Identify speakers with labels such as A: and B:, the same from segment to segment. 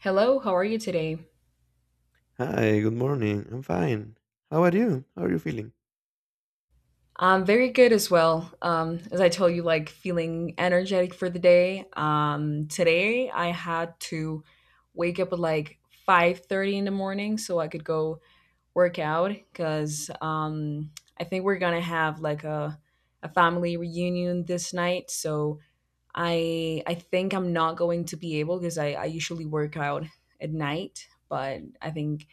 A: Hello, how are you today?
B: Hi, good morning. I'm fine. How are you? How are you feeling?
A: I'm very good as well. As I told you, like feeling energetic for the day. Today I had to wake up at like 5:30 in the morning so I could go work out because I think we're gonna have like a family reunion this night. So I think I'm not going to be able because I usually work out at night, but I think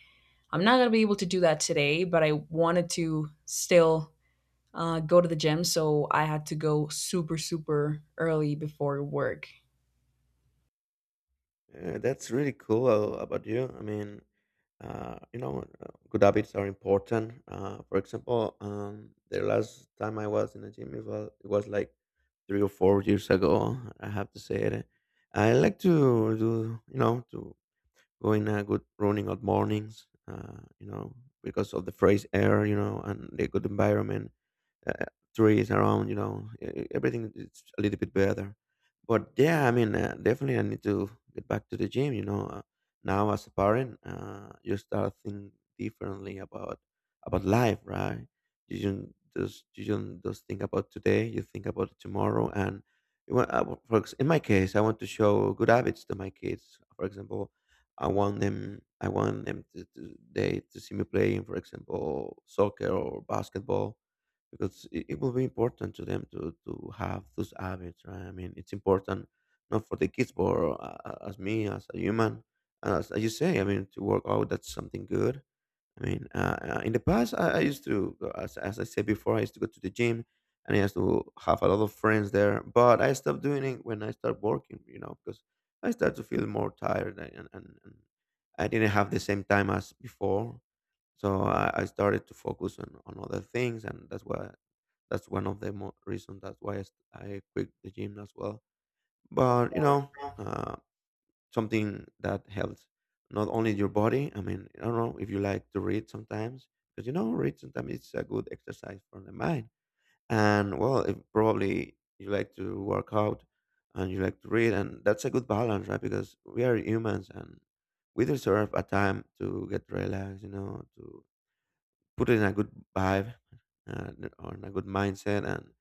A: I'm not gonna be able to do that today, but I wanted to still go to the gym. So I had to go super, super early before work.
B: That's really cool about you. I mean, good habits are important. For example, the last time I was in a gym, it was like 3 or 4 years ago. I have to say it. I like to do, you know, to go in a good running at mornings. You know, because of the fresh air, you know, and the good environment uh, trees around, you know, everything is a little bit better. But yeah, I mean, definitely I need to get back to the gym, you know. Now as a parent, you start think differently about life, right? You don't just think about today, you think about tomorrow and you want- I wa- for ex- in my case, I want to show good habits to my kids. For example, I want them to they to see me playing, for example, soccer or basketball because it will be important to them to have those habits, right? I mean, it's important not for the kids but, as me as a human, as you say, I mean, to work out, that's something good. I mean, in the past, I used to, as I said before, I used to go to the gym and I used to have a lot of friends there. But I stopped doing it when I started working, you know, because I started to feel more tired and I didn't have the same time as before. So I started to focus on other things. And that's one of the reasons, that's why I quit the gym as well. But, you know, uh, something that helps not only your body. I mean, I don't know if you like to read sometimes, because, you know, read sometimes it's a good exercise for the mind. And well, if probably you like to work out and you like to read, and that's a good balance, right? Because we are humans and we deserve a time to get relaxed, you know, to put in a good vibe uh, or in a good mindset. And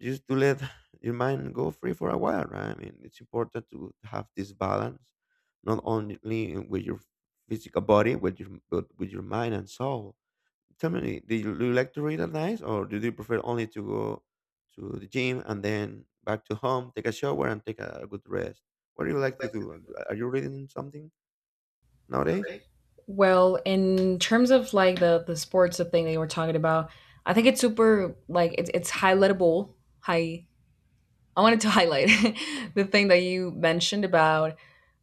B: just to let your mind go free for a while, right? I mean, it's important to have this balance, not only with your physical body, with your but with your mind and soul. Tell me, do you like to read at night, or do you prefer only to go to the gym and then back to home, take a shower, and take a good rest? What do you like to do? Are you reading something nowadays?
A: Well, in terms of like the sports the thing that you were talking about, I think it's super like it's highlightable. High. I wanted to highlight the thing that you mentioned about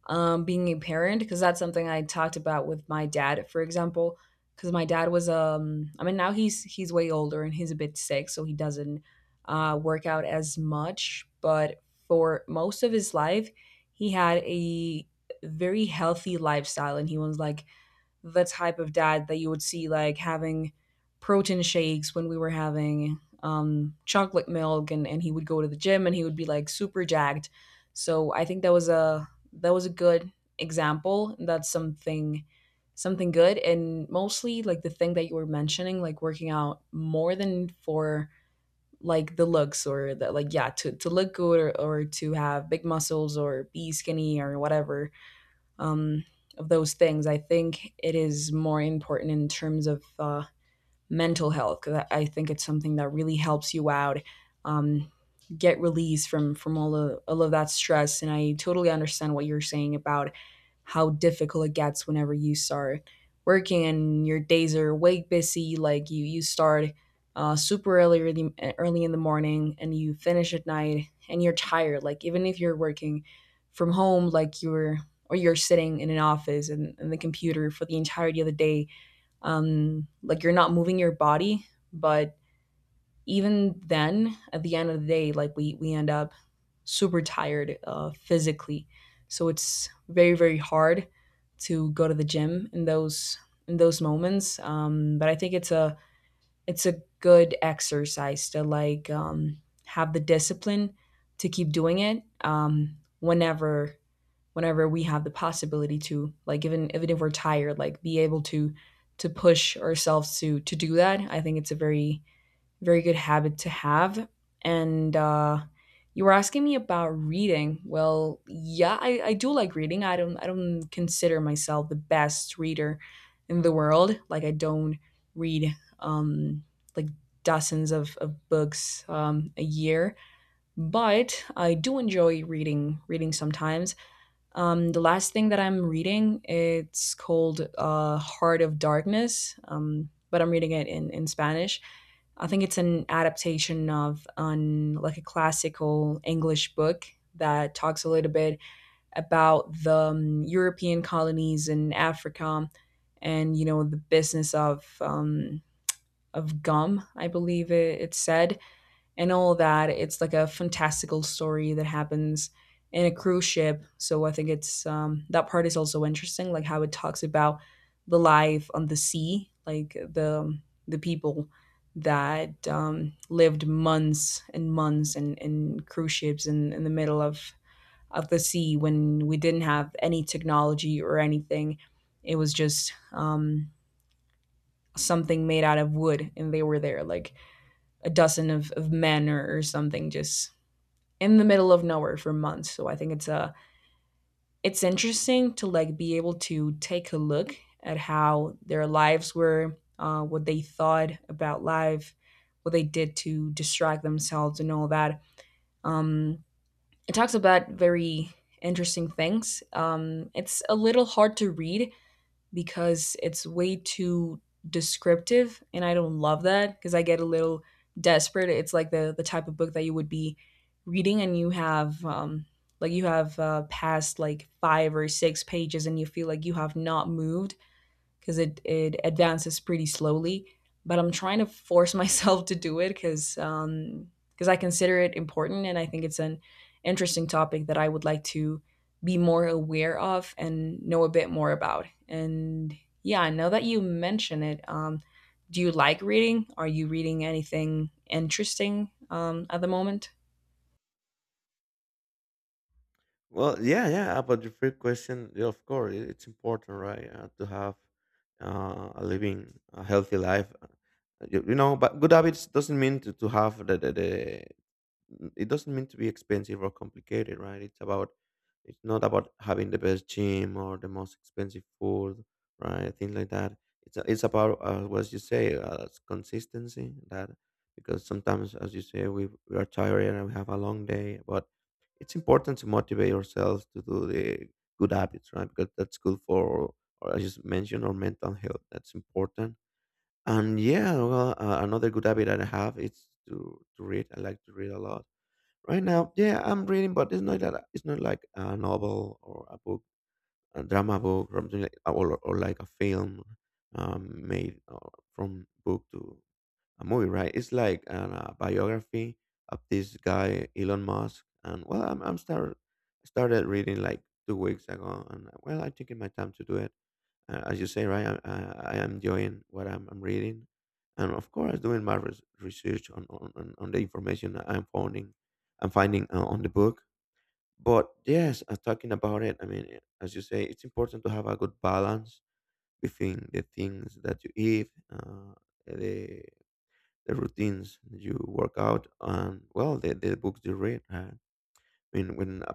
A: being a parent because that's something I talked about with my dad, for example. Because my dad was, I mean, now he's way older and he's a bit sick, so he doesn't work out as much. But for most of his life, he had a very healthy lifestyle, and he was like the type of dad that you would see like having protein shakes when we were having chocolate milk and he would go to the gym and he would be like super jacked. So I think that was a good example. That's something something good. And mostly like the thing that you were mentioning, like working out more than for like the looks or that, like, yeah, to look good, or to have big muscles or be skinny or whatever, um, of those things. I think it is more important in terms of mental health because I think it's something that really helps you out, um, get release from all of that stress. And I totally understand what you're saying about how difficult it gets whenever you start working and your days are way busy. Like you start super early, really early in the morning, and you finish at night, and you're tired. Like even if you're working from home, like you're or you're sitting in an office and the computer for the entirety of the day, like you're not moving your body, but even then at the end of the day, like we end up super tired physically. So it's very, very hard to go to the gym in those moments. But I think it's a good exercise to, like, have the discipline to keep doing it, whenever whenever we have the possibility to, like, even even if we're tired, like, be able to push ourselves to do that. I think it's a very, very good habit to have. And you were asking me about reading. Well, yeah, I do like reading. I don't consider myself the best reader in the world. Like I don't read like dozens of books a year, but I do enjoy reading sometimes. The last thing that I'm reading, it's called Heart of Darkness, but I'm reading it in Spanish. I think it's an adaptation of an like a classical English book that talks a little bit about the European colonies in Africa, and you know, the business of gum, I believe it, it said, and all that. It's like a fantastical story that happens in a cruise ship. So I think it's that part is also interesting, like how it talks about the life on the sea, like the people that lived months and months in cruise ships in the middle of the sea when we didn't have any technology or anything. It was just something made out of wood, and they were there, like a dozen of men or something, just in the middle of nowhere for months. So I think it's a it's interesting to, like, be able to take a look at how their lives were, what they thought about life, what they did to distract themselves, and all that. Um, it talks about very interesting things. It's a little hard to read because it's way too descriptive and I don't love that because I get a little desperate. It's like the type of book that you would be reading and you have like you have passed like 5 or 6 pages and you feel like you have not moved because it advances pretty slowly. But I'm trying to force myself to do it because I consider it important and I think it's an interesting topic that I would like to be more aware of and know a bit more about. And yeah, now that you mention it, do you like reading? Are you reading anything interesting at the moment?
B: Well, yeah, yeah. About your first question, yeah, of course, it's important, right, to have a living, a healthy life. You, you know, but good habits doesn't mean to have it doesn't mean to be expensive or complicated, right? It's about, it's not about having the best gym or the most expensive food, right? Things like that. It's about what you say, it's consistency. That, because sometimes, as you say, we are tired and we have a long day, but it's important to motivate yourselves to do the good habits, right? Because that's good for, or as you mentioned, our mental health. That's important. And yeah, well, another good habit that I have is to read. I like to read a lot. Right now, yeah, I'm reading, but it's not like a novel or a book, a drama book, or something like, or like a film made from book to a movie, right? A biography of this guy Elon Musk, and well, I'm start started reading like 2 weeks ago, and well, I'm taking my time to do it, as you say, right? I am enjoying what I'm reading, and of course, doing my research on, on the information that I'm finding on the book. But yes, talking about it, I mean, as you say, it's important to have a good balance between the things that you eat, the routines you work out, and well, the books you read. I mean, when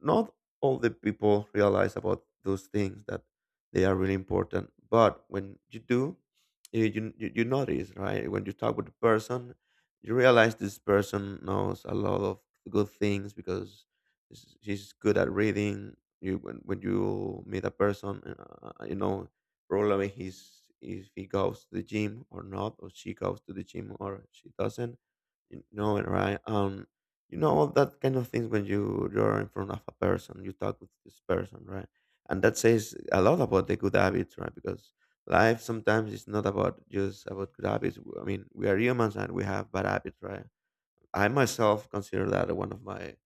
B: not all the people realize about those things that they are really important, but when you do, you notice, right? When you talk with the person, you realize this person knows a lot of good things because she's good at reading. You, when you meet a person, you know probably he's if he goes to the gym or not, or she goes to the gym or she doesn't. You know it, right? You know all that kind of things when you're in front of a person, you talk with this person, right? And that says a lot about the good habits, right? Because life sometimes is not about, just about good habits. I mean, we are humans and we have bad habits, right? I myself consider that one of my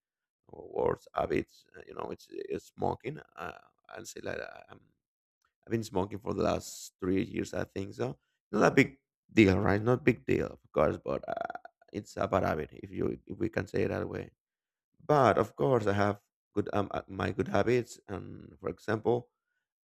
B: worst habits, you know, it's smoking. I'm, I've been smoking for the last 3 years, I think. So, not a big deal, right? Not big deal, of course, but it's a bad habit, if you if we can say it that way. But of course, I have good, my good habits. And for example,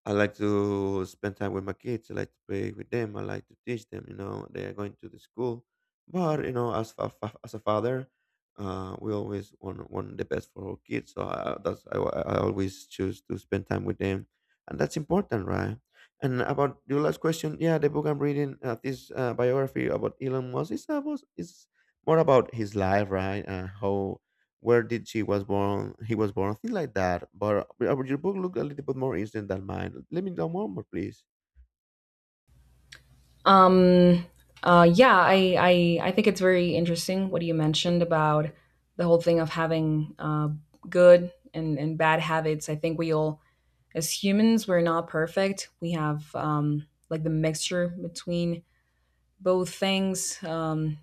B: I like to spend time with my kids. I like to play with them. I like to teach them. You know, they are going to the school. But you know, as a, as a father, we always want the best for our kids. So I always choose to spend time with them, and that's important, right? And about your last question, yeah, the book I'm reading, this biography about Elon Musk, is more about his life, right? How where did she was born He was born, things like that. But your book looked a little bit more instant than mine. Let me know more, please.
A: Um, yeah, I think it's very interesting what you mentioned about the whole thing of having good and bad habits. I think we all, as humans, we're not perfect. We have like the mixture between both things.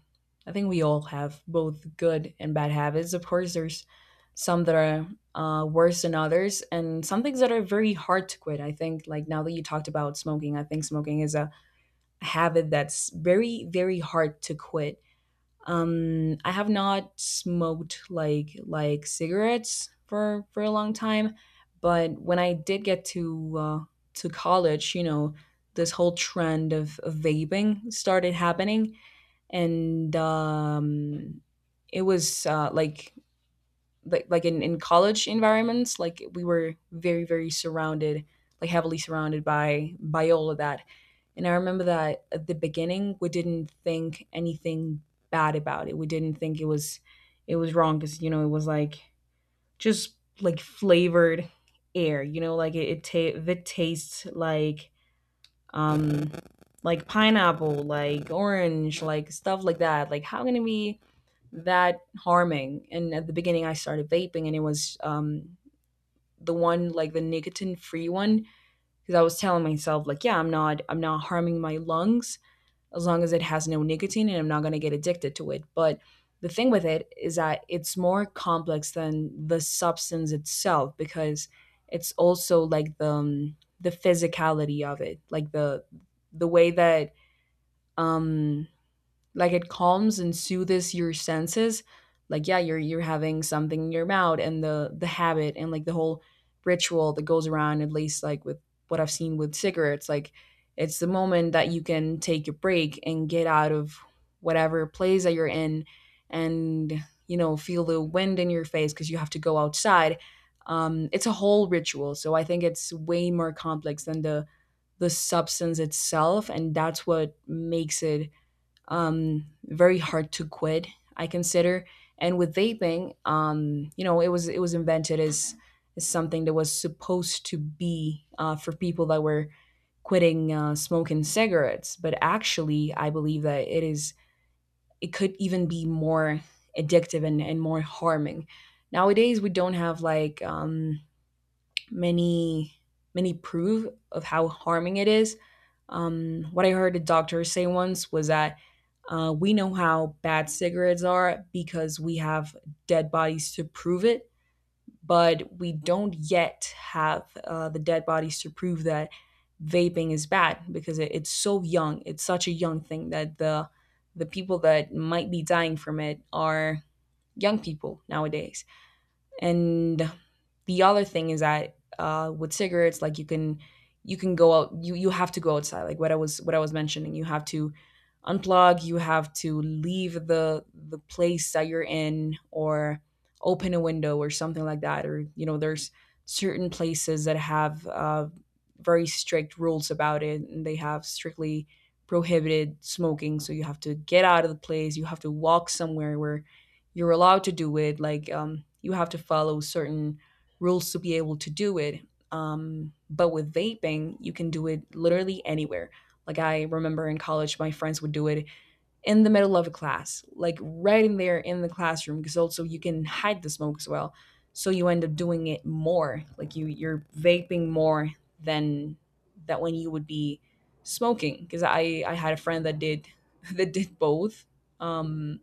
A: I think we all have both good and bad habits. Of course, there's some that are worse than others, and some things that are very hard to quit. I think, like now that you talked about smoking, I think smoking is a habit that's very, very hard to quit. I have not smoked like cigarettes for a long time, but when I did get to college, you know, this whole trend of vaping started happening, and it was like like in college environments, like we were very, very surrounded, like heavily surrounded by all of that. And I remember that at the beginning, we didn't think anything bad about it. We didn't think it was wrong because, you know, it was like just like flavored air, you know, like it tastes um like pineapple, like orange, like stuff like that. Like, how can it be that harming? And at the beginning, I started vaping and it was the one, like the nicotine free one, because I was telling myself, like, yeah, I'm not harming my lungs as long as it has no nicotine and I'm not going to get addicted to it. But the thing with it is that it's more complex than the substance itself because it's also like the physicality of it, like the way that um like it calms and soothes your senses. Like, yeah, you're having something in your mouth, and the habit and like the whole ritual that goes around, at least like with what I've seen with cigarettes, like it's the moment that you can take a break and get out of whatever place that you're in and, you know, feel the wind in your face because you have to go outside. It's a whole ritual, so I think it's way more complex than the substance itself, and that's what makes it very hard to quit, I consider. And with vaping, you know, it was invented as something that was supposed to be for people that were quitting smoking cigarettes. But actually, I believe that it could even be more addictive and more harming. Nowadays, we don't have like many many proof of how harming it is. What I heard a doctor say once was that we know how bad cigarettes are because we have dead bodies to prove it, but we don't yet have the dead bodies to prove that vaping is bad because it's so young. It's such a young thing that the people that might be dying from it are young people nowadays. And the other thing is that with cigarettes, like, you can go out, you have to go outside. Like what I was mentioning, you have to unplug, you have to leave the place that you're in, or open a window or something like that. Or, you know, there's certain places that have very strict rules about it, and they have strictly prohibited smoking, so you have to get out of the place, you have to walk somewhere where you're allowed to do it. Like, you have to follow certain rules to be able to do it. But with vaping, you can do it literally anywhere. Like, I remember in college my friends would do it in the middle of a class, like right in there in the classroom, because also you can hide the smoke as well. So you end up doing it more. Like, you're vaping more than that when you would be smoking. Because I had a friend that did that did both. um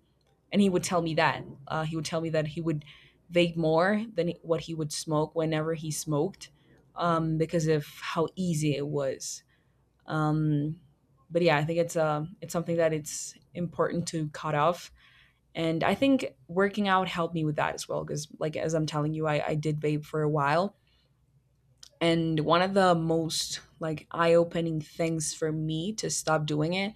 A: and he would tell me that he would vape more than what he would smoke whenever he smoked, because of how easy it was. um, but yeah, I think it's something that it's important to cut off. And I think working out helped me with that as well, because like, as I'm telling you, I did vape for a while. And one of the most, like, eye-opening things for me to stop doing it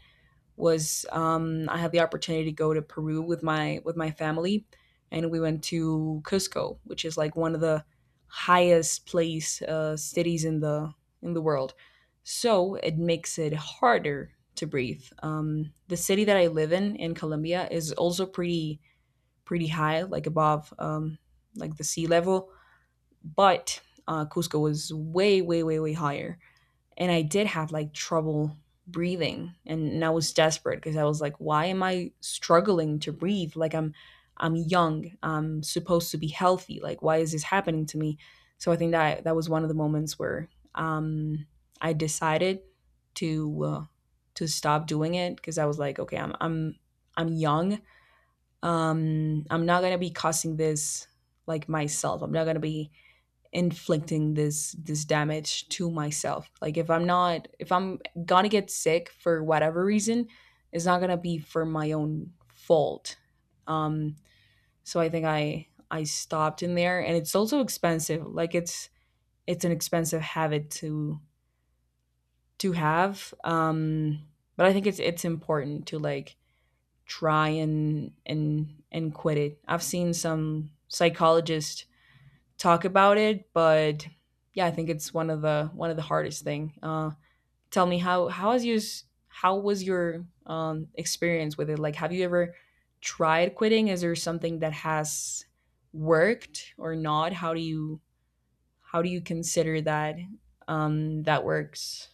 A: was, I had the opportunity to go to Peru with my family, and we went to Cusco, which is like one of the highest place cities in the world. So it makes it harder to breathe. The city that I live in Colombia is also pretty high, like above, like, the sea level. But Cusco was way way higher, and I did have like trouble breathing, and I was desperate, because I was like, why am I struggling to breathe? Like, I'm young, I'm supposed to be healthy. Like, why is this happening to me? So I think that that was one of the moments where, um I decided to uh, to stop doing it. Because I was like, okay, I'm young, um, I'm not going to be causing this, like, myself. I'm not going to be inflicting this damage to myself. Like, if I'm not, if I'm gonna get sick for whatever reason, it's not gonna be for my own fault. um so I think I stopped in there. And it's also expensive. Like, it's an expensive habit to have. But I think it's important to, like, try and quit it. I've seen some psychologists talk about it, but yeah, I think it's one of the hardest thing. Tell me, how was your experience with it? Like, have you ever tried quitting? Is there something that has worked or not? How do you, consider that that works?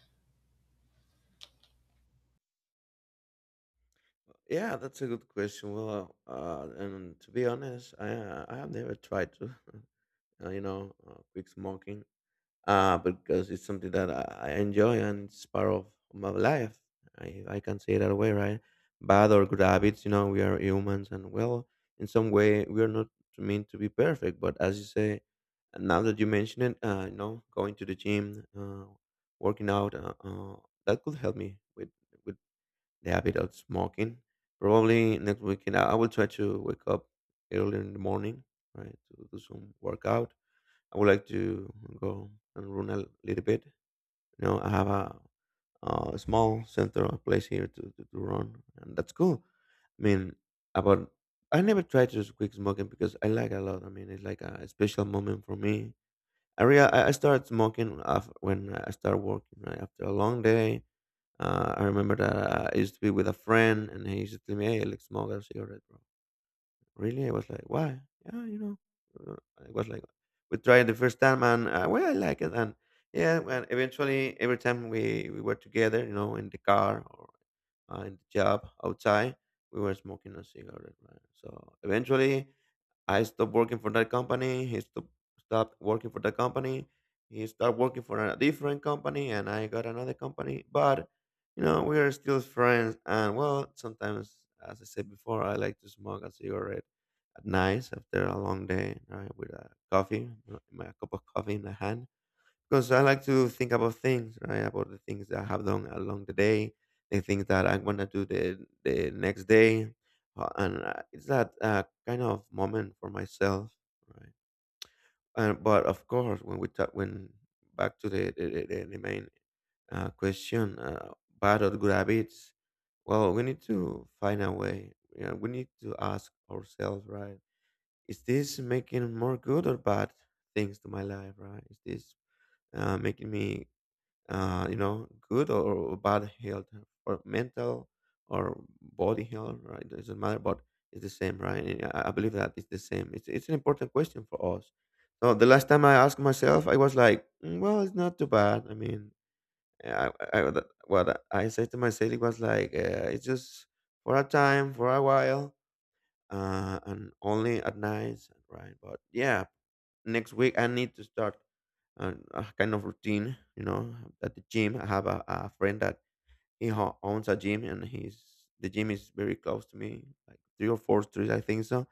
B: Yeah, that's a good question. Well, and to be honest, I have never tried to, uh, you know, quit smoking. Because it's something that I enjoy and it's part of my life. I can say it that way, right? Bad or good habits, you know, we are humans and well, in some way, we are not meant to be perfect. But as you say, now that you mention it, you know, going to the gym, working out, that could help me with the habit of smoking. Probably next weekend, I will try to wake up early in the morning, right, to do some workout. I would like to go and run a little bit. You know, I have a, uh, small center of place here to run, and that's cool. I mean, about I never tried to quit smoking because I like a lot. I mean, it's like a special moment for me. I real I started smoking af when I started working. Right after a long day, I remember that I used to be with a friend, and he used to tell me, "Hey, let's smoke a cigarette, bro." Really? I was like, why? Yeah, you know, uh, I was like, we tried the first time and well, I like it. And yeah, and eventually every time we were together, you know, in the car or in the job outside, we were smoking a cigarette, right? So eventually I stopped working for that company. Stopped working for that company. He started working for a different company and I got another company. But, you know, we are still friends. And well, sometimes, as I said before, I like to smoke a cigarette at night after a long day, right, with a coffee, my cup of coffee in the hand. Because I like to think about things, right, about the things that I have done along the day, the things that I'm gonna do the next day, and it's that kind of moment for myself, right? And but of course, when, back to the main question, bad or good habits, well, we need to find a way. You know, we need to ask ourselves, right? Is this making more good or bad things to my life, right? Is this making me good or, bad health or mental or body health, right? Doesn't matter, but it's the same, right? And I believe that it's the same, it's an important question for us. So the last time I asked myself, I was like, "Mm, well, it's not too bad, I mean what I said to myself, it was like it's just for a time, for a while, and only at nights, right?" But yeah, next week I need to start a kind of routine, at the gym. I have a friend that owns a gym, and he's the gym is very close to me, like three or four streets, I think so.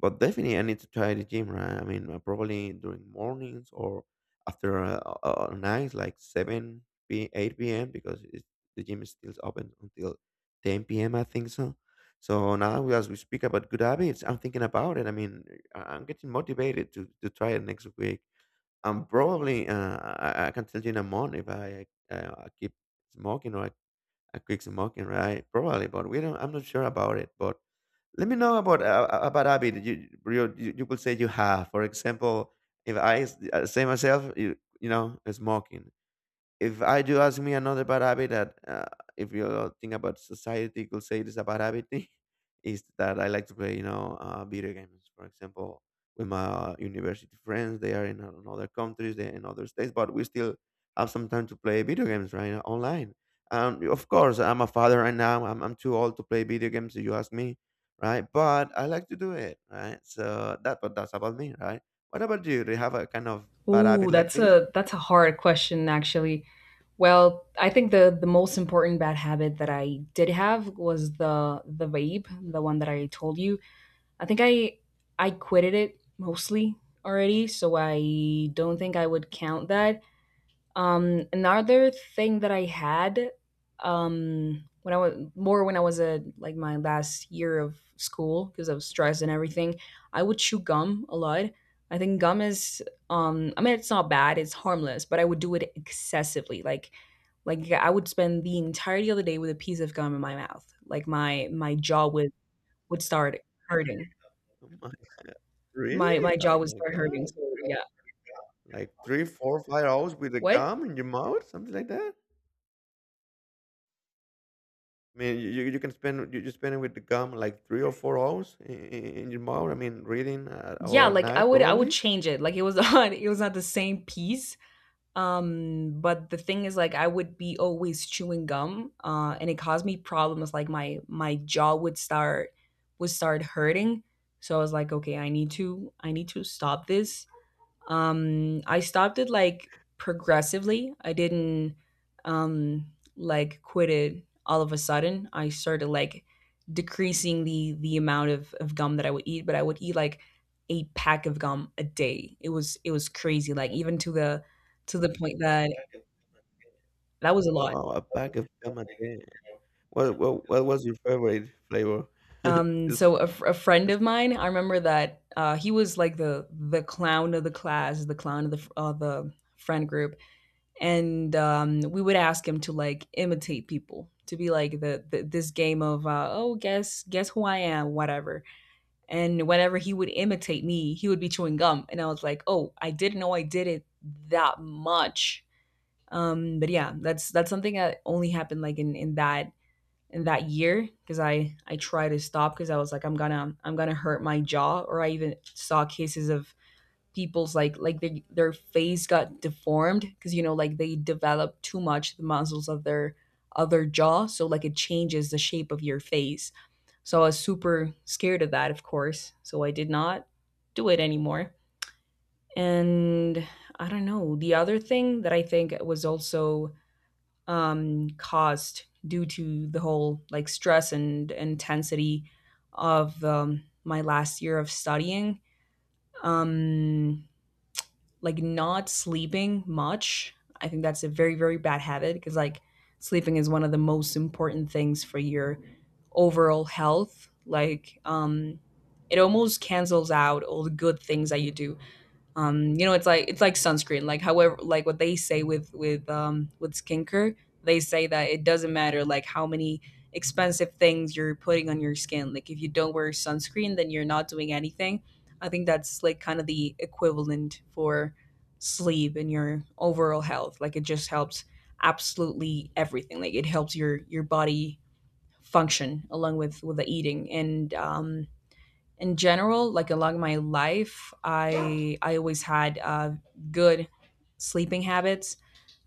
B: But definitely, I need to try the gym, right? I mean, probably during mornings or after nights, like eight p.m., because the gym is still open until ten p.m., I think so. So now, as we speak about good habits, I'm thinking about it. I mean, I'm getting motivated to try it next week. I'm probably, I can tell you in a month if I keep smoking or a Quixomocan, right? Probably, but we don't. I'm not sure about it. But let me know about habit that you could say you have. For example, if I say myself, smoking. If I do ask me another bad habit that if you think about society could say, it is a bad habit. Is that I like to play video games, for example, with my university friends. They are in, other countries, they're in other states, but we still have some time to play video games, right? Online. Of course, I'm a father. Right now, I'm too old to play video games if you ask me, right? But I like to do it, right? so that But that's about me, right? What about you? Do you have a kind of bad
A: Ooh,
B: habit like
A: that's
B: this?
A: a hard question, actually. Well, I think the most important bad habit that I did have was the vape, the one that I told you. I think I quitted it mostly already, so I don't think I would count that. Another thing that I had, when I was more, when I was a, like my last year of school, because I was stressed and everything, I would chew gum a lot. I think gum is, I mean, it's not bad, it's harmless, but I would do it excessively. Like, I would spend the entirety of the day with a piece of gum in my mouth. Like, my jaw would start hurting.
B: Oh my god.
A: My
B: Really?
A: jaw
B: Oh
A: would
B: my
A: start hurting,
B: god.
A: so yeah.
B: Like 3, 4, 5 hours with the
A: What?
B: gum in your mouth? Something like that? I mean, you spend it with the gum like 3 or 4 hours in your mouth, I mean, reading
A: Yeah,
B: or at
A: like I
B: night
A: would I would
B: probably?
A: change it. Like, it was on, it was not the same piece. But the thing is, like, I would be always chewing gum, and it caused me problems. Like, my jaw would start hurting. So I was like, okay, I need to, I need to stop this. I stopped it like progressively. I didn't, like, quit it all of a sudden. I started like decreasing the amount of gum that I would eat. But I would eat like a pack of gum a day. It was crazy. Like, even to the point that was a lot.
B: Wow, a pack of gum a day. What was your favorite flavor? Just
A: So a, f- a friend of
B: asking.
A: mine, I remember that he was like the clown of the class, the clown of the friend group. And we would ask him to, like, imitate people to be like the, this game of oh, guess, who I am, whatever. And whenever he would imitate me, he would be chewing gum. And I was like, oh, I didn't know I did it that much. But yeah, that's something that only happened like in that year. Because I tried to stop, because I was like, I'm gonna, I'm gonna hurt my jaw. Or I even saw cases of people's, like they, their face got deformed, because, you know, like, they develop too much the muscles of their jaw, so like it changes the shape of your face. So I was super scared of that, of course, so I did not do it anymore. And I don't know, the other thing that I think was also, caused due to the whole, like, stress and intensity of, my last year of studying, um like, not sleeping much. I think that's a very very bad habit, because, like, sleeping is one of the most important things for your overall health. Like, it almost cancels out all the good things that you do. Um, you know, it's like, it's like sunscreen. Like, however, like, what they say with, with skincare, they say that it doesn't matter, like, how many expensive things you're putting on your skin, like, if you don't wear sunscreen, then you're not doing anything. I think that's, like, kind of the equivalent for sleep and your overall health. Like, it just helps absolutely everything. Like, it helps your body function, along with, the eating. And in general, like, along my life, I always had good sleeping habits,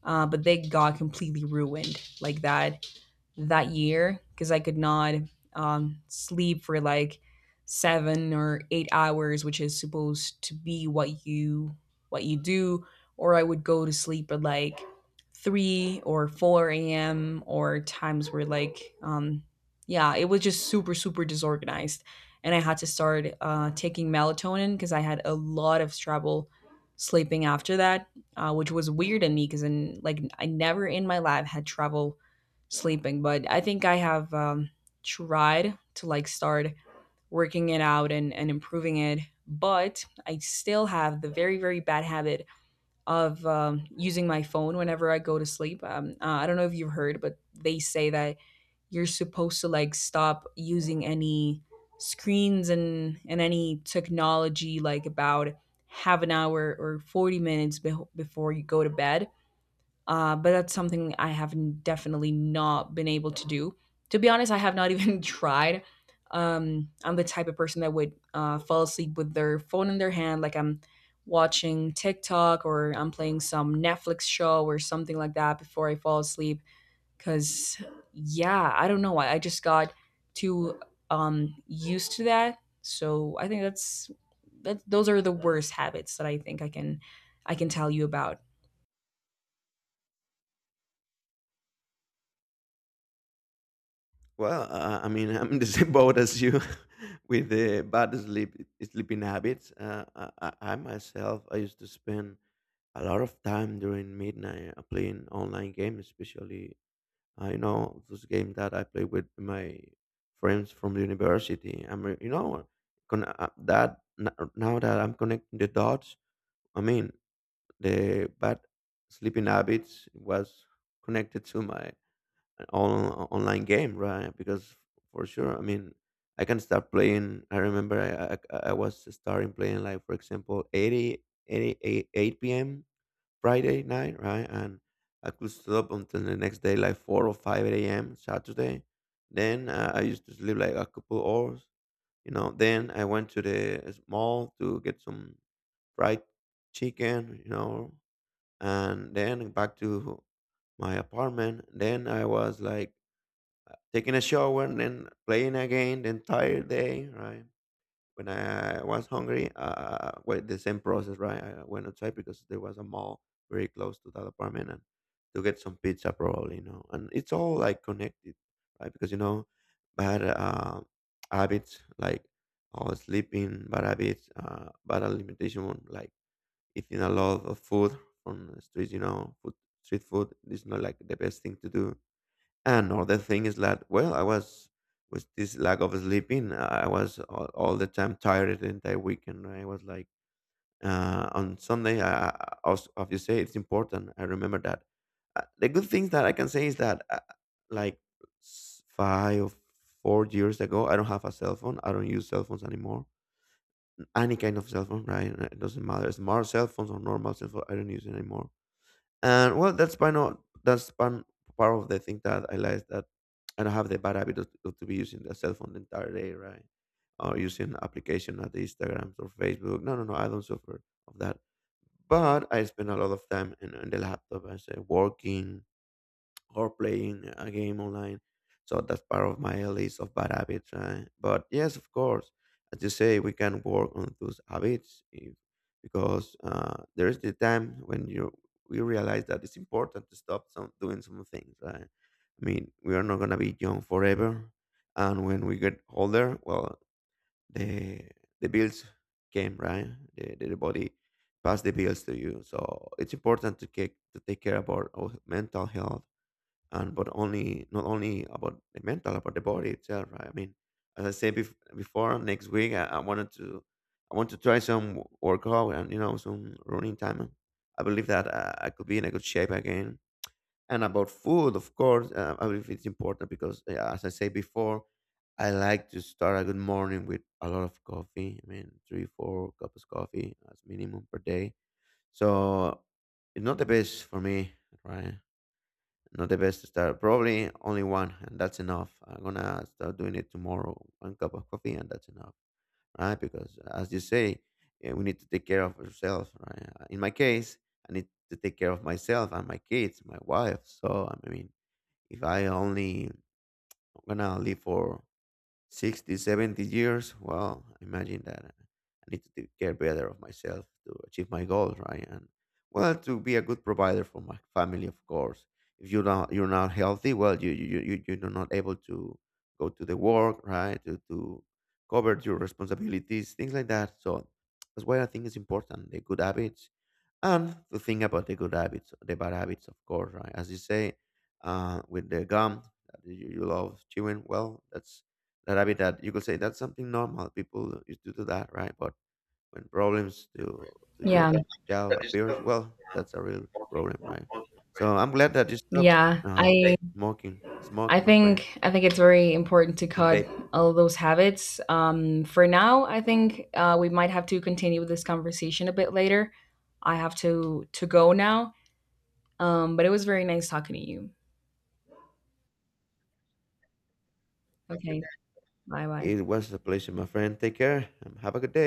A: but they got completely ruined like, that year. Because I could not, sleep for like 7 or 8 hours, which is supposed to be what you, what you do. Or I would go to sleep at like three or four a.m., or times where like, yeah, it was just super disorganized. And I had to start taking melatonin, because I had a lot of trouble sleeping after that, which was weird in me, because, like, I never in my life had trouble sleeping. But I think I have, tried to, like, start working it out and, improving it. But I still have the very, very bad habit of, using my phone whenever I go to sleep. I don't know if you've heard, but they say that you're supposed to, like, stop using any screens and, any technology, like, about half an hour or 40 minutes be- before you go to bed. But that's something I have n- definitely not been able to do. To be honest, I have not even tried. I'm the type of person that would fall asleep with their phone in their hand. Like, I'm watching TikTok, or I'm playing some Netflix show or something like that before I fall asleep. Because, yeah, I don't know why. I just got too, used to that. So I think that's, those are the worst habits that I think I can tell you about.
B: Well, I mean, I'm in the same boat as you with the bad sleeping habits. I myself, I used to spend a lot of time during midnight playing online games, especially those games that I play with my friends from the university. I'm re- you know con- that n- now that I'm connecting the dots. I mean, the bad sleeping habits was connected to my online game, right? Because for sure, I mean, I can start playing. I remember I was starting playing like, for example, 80, p.m. Friday night, right? And I could stay up until the next day, like 4 or 5 a.m. Saturday. Then I used to sleep like a couple hours. Then I went to the mall to get some fried chicken, and then back to my apartment. Then I was like taking a shower and then playing again the entire day, right? When I was hungry, well, the same process, right? I went outside because there was a mall very close to that apartment and to get some pizza, probably. And it's all like connected, right? Because, bad habits, like oh, sleeping, bad habits, bad alimentation, like eating a lot of food from the streets, food, street food is not like the best thing to do. Another thing is that, well, I was with this lack of sleeping, I was all the time tired the entire weekend. I was like, on Sunday, as you say, it's important. I remember that. The good things that I can say is that, like 5 or 4 years ago, I don't have a cell phone. I don't use cell phones anymore. Any kind of cell phone, right? It doesn't matter, smart cell phones or normal cell phone. I don't use it anymore, and well, that's by not, that's one part of the thing that I like, that I don't have the bad habit of to be using the cell phone the entire day, right? Or using application at Instagram or Facebook. No, no, no, I don't suffer of that. But I spend a lot of time in the laptop. I say working, or playing a game online. So that's part of my list of bad habits, right? But yes, of course, as you say, we can work on those habits if, because there is the time when you we realize that it's important to stop some doing some things, right? I mean, we are not gonna be young forever, and when we get older, well, the the bills came, right? The body pass the bills to you, so it's important to take care about our mental health, and but only not only about the mental, about the body itself, right? I mean, as I said before, next week I want to try some workout, and some running time. And I believe that I could be in a good shape again. And about food, of course, I believe it's important because, as I said before, I like to start a good morning with a lot of coffee. I mean, three, four cups of coffee as minimum per day. So it's not the best for me, right? Not the best start. Probably only one, and that's enough. I'm gonna start doing it tomorrow. One cup of coffee, and that's enough, right? Because as you say, we need to take care of ourselves, right? In my case, I need to take care of myself and my kids, my wife. So I mean, if I only I'm gonna live for 60 70 years, well, imagine that. I need to take care better of myself to achieve my goals, right? And well, to be a good provider for my family, of course. If you're not healthy, well, you're not able to go to the work, right? To cover your responsibilities, things like that. So that's why I think it's important the good habits and to think about the good habits, the bad habits, of course, right? As you say, with the gum that you love chewing, well, that's that habit that you could say that's something normal. People used to do that, right? But when problems to
A: Yeah.
B: your jaw appears, well, that's a real problem, right? So I'm glad that you stopped
A: Yeah,
B: uh,
A: I
B: smoking,
A: I
B: smoking, my friend,
A: think I think it's very important to
B: and
A: cut
B: babe.
A: all those habits. For now, I think we might have to continue this conversation a bit later. I have to go now. But it was very nice talking to you. Okay, bye bye.
B: It was a pleasure, my friend. Take care and have a good day.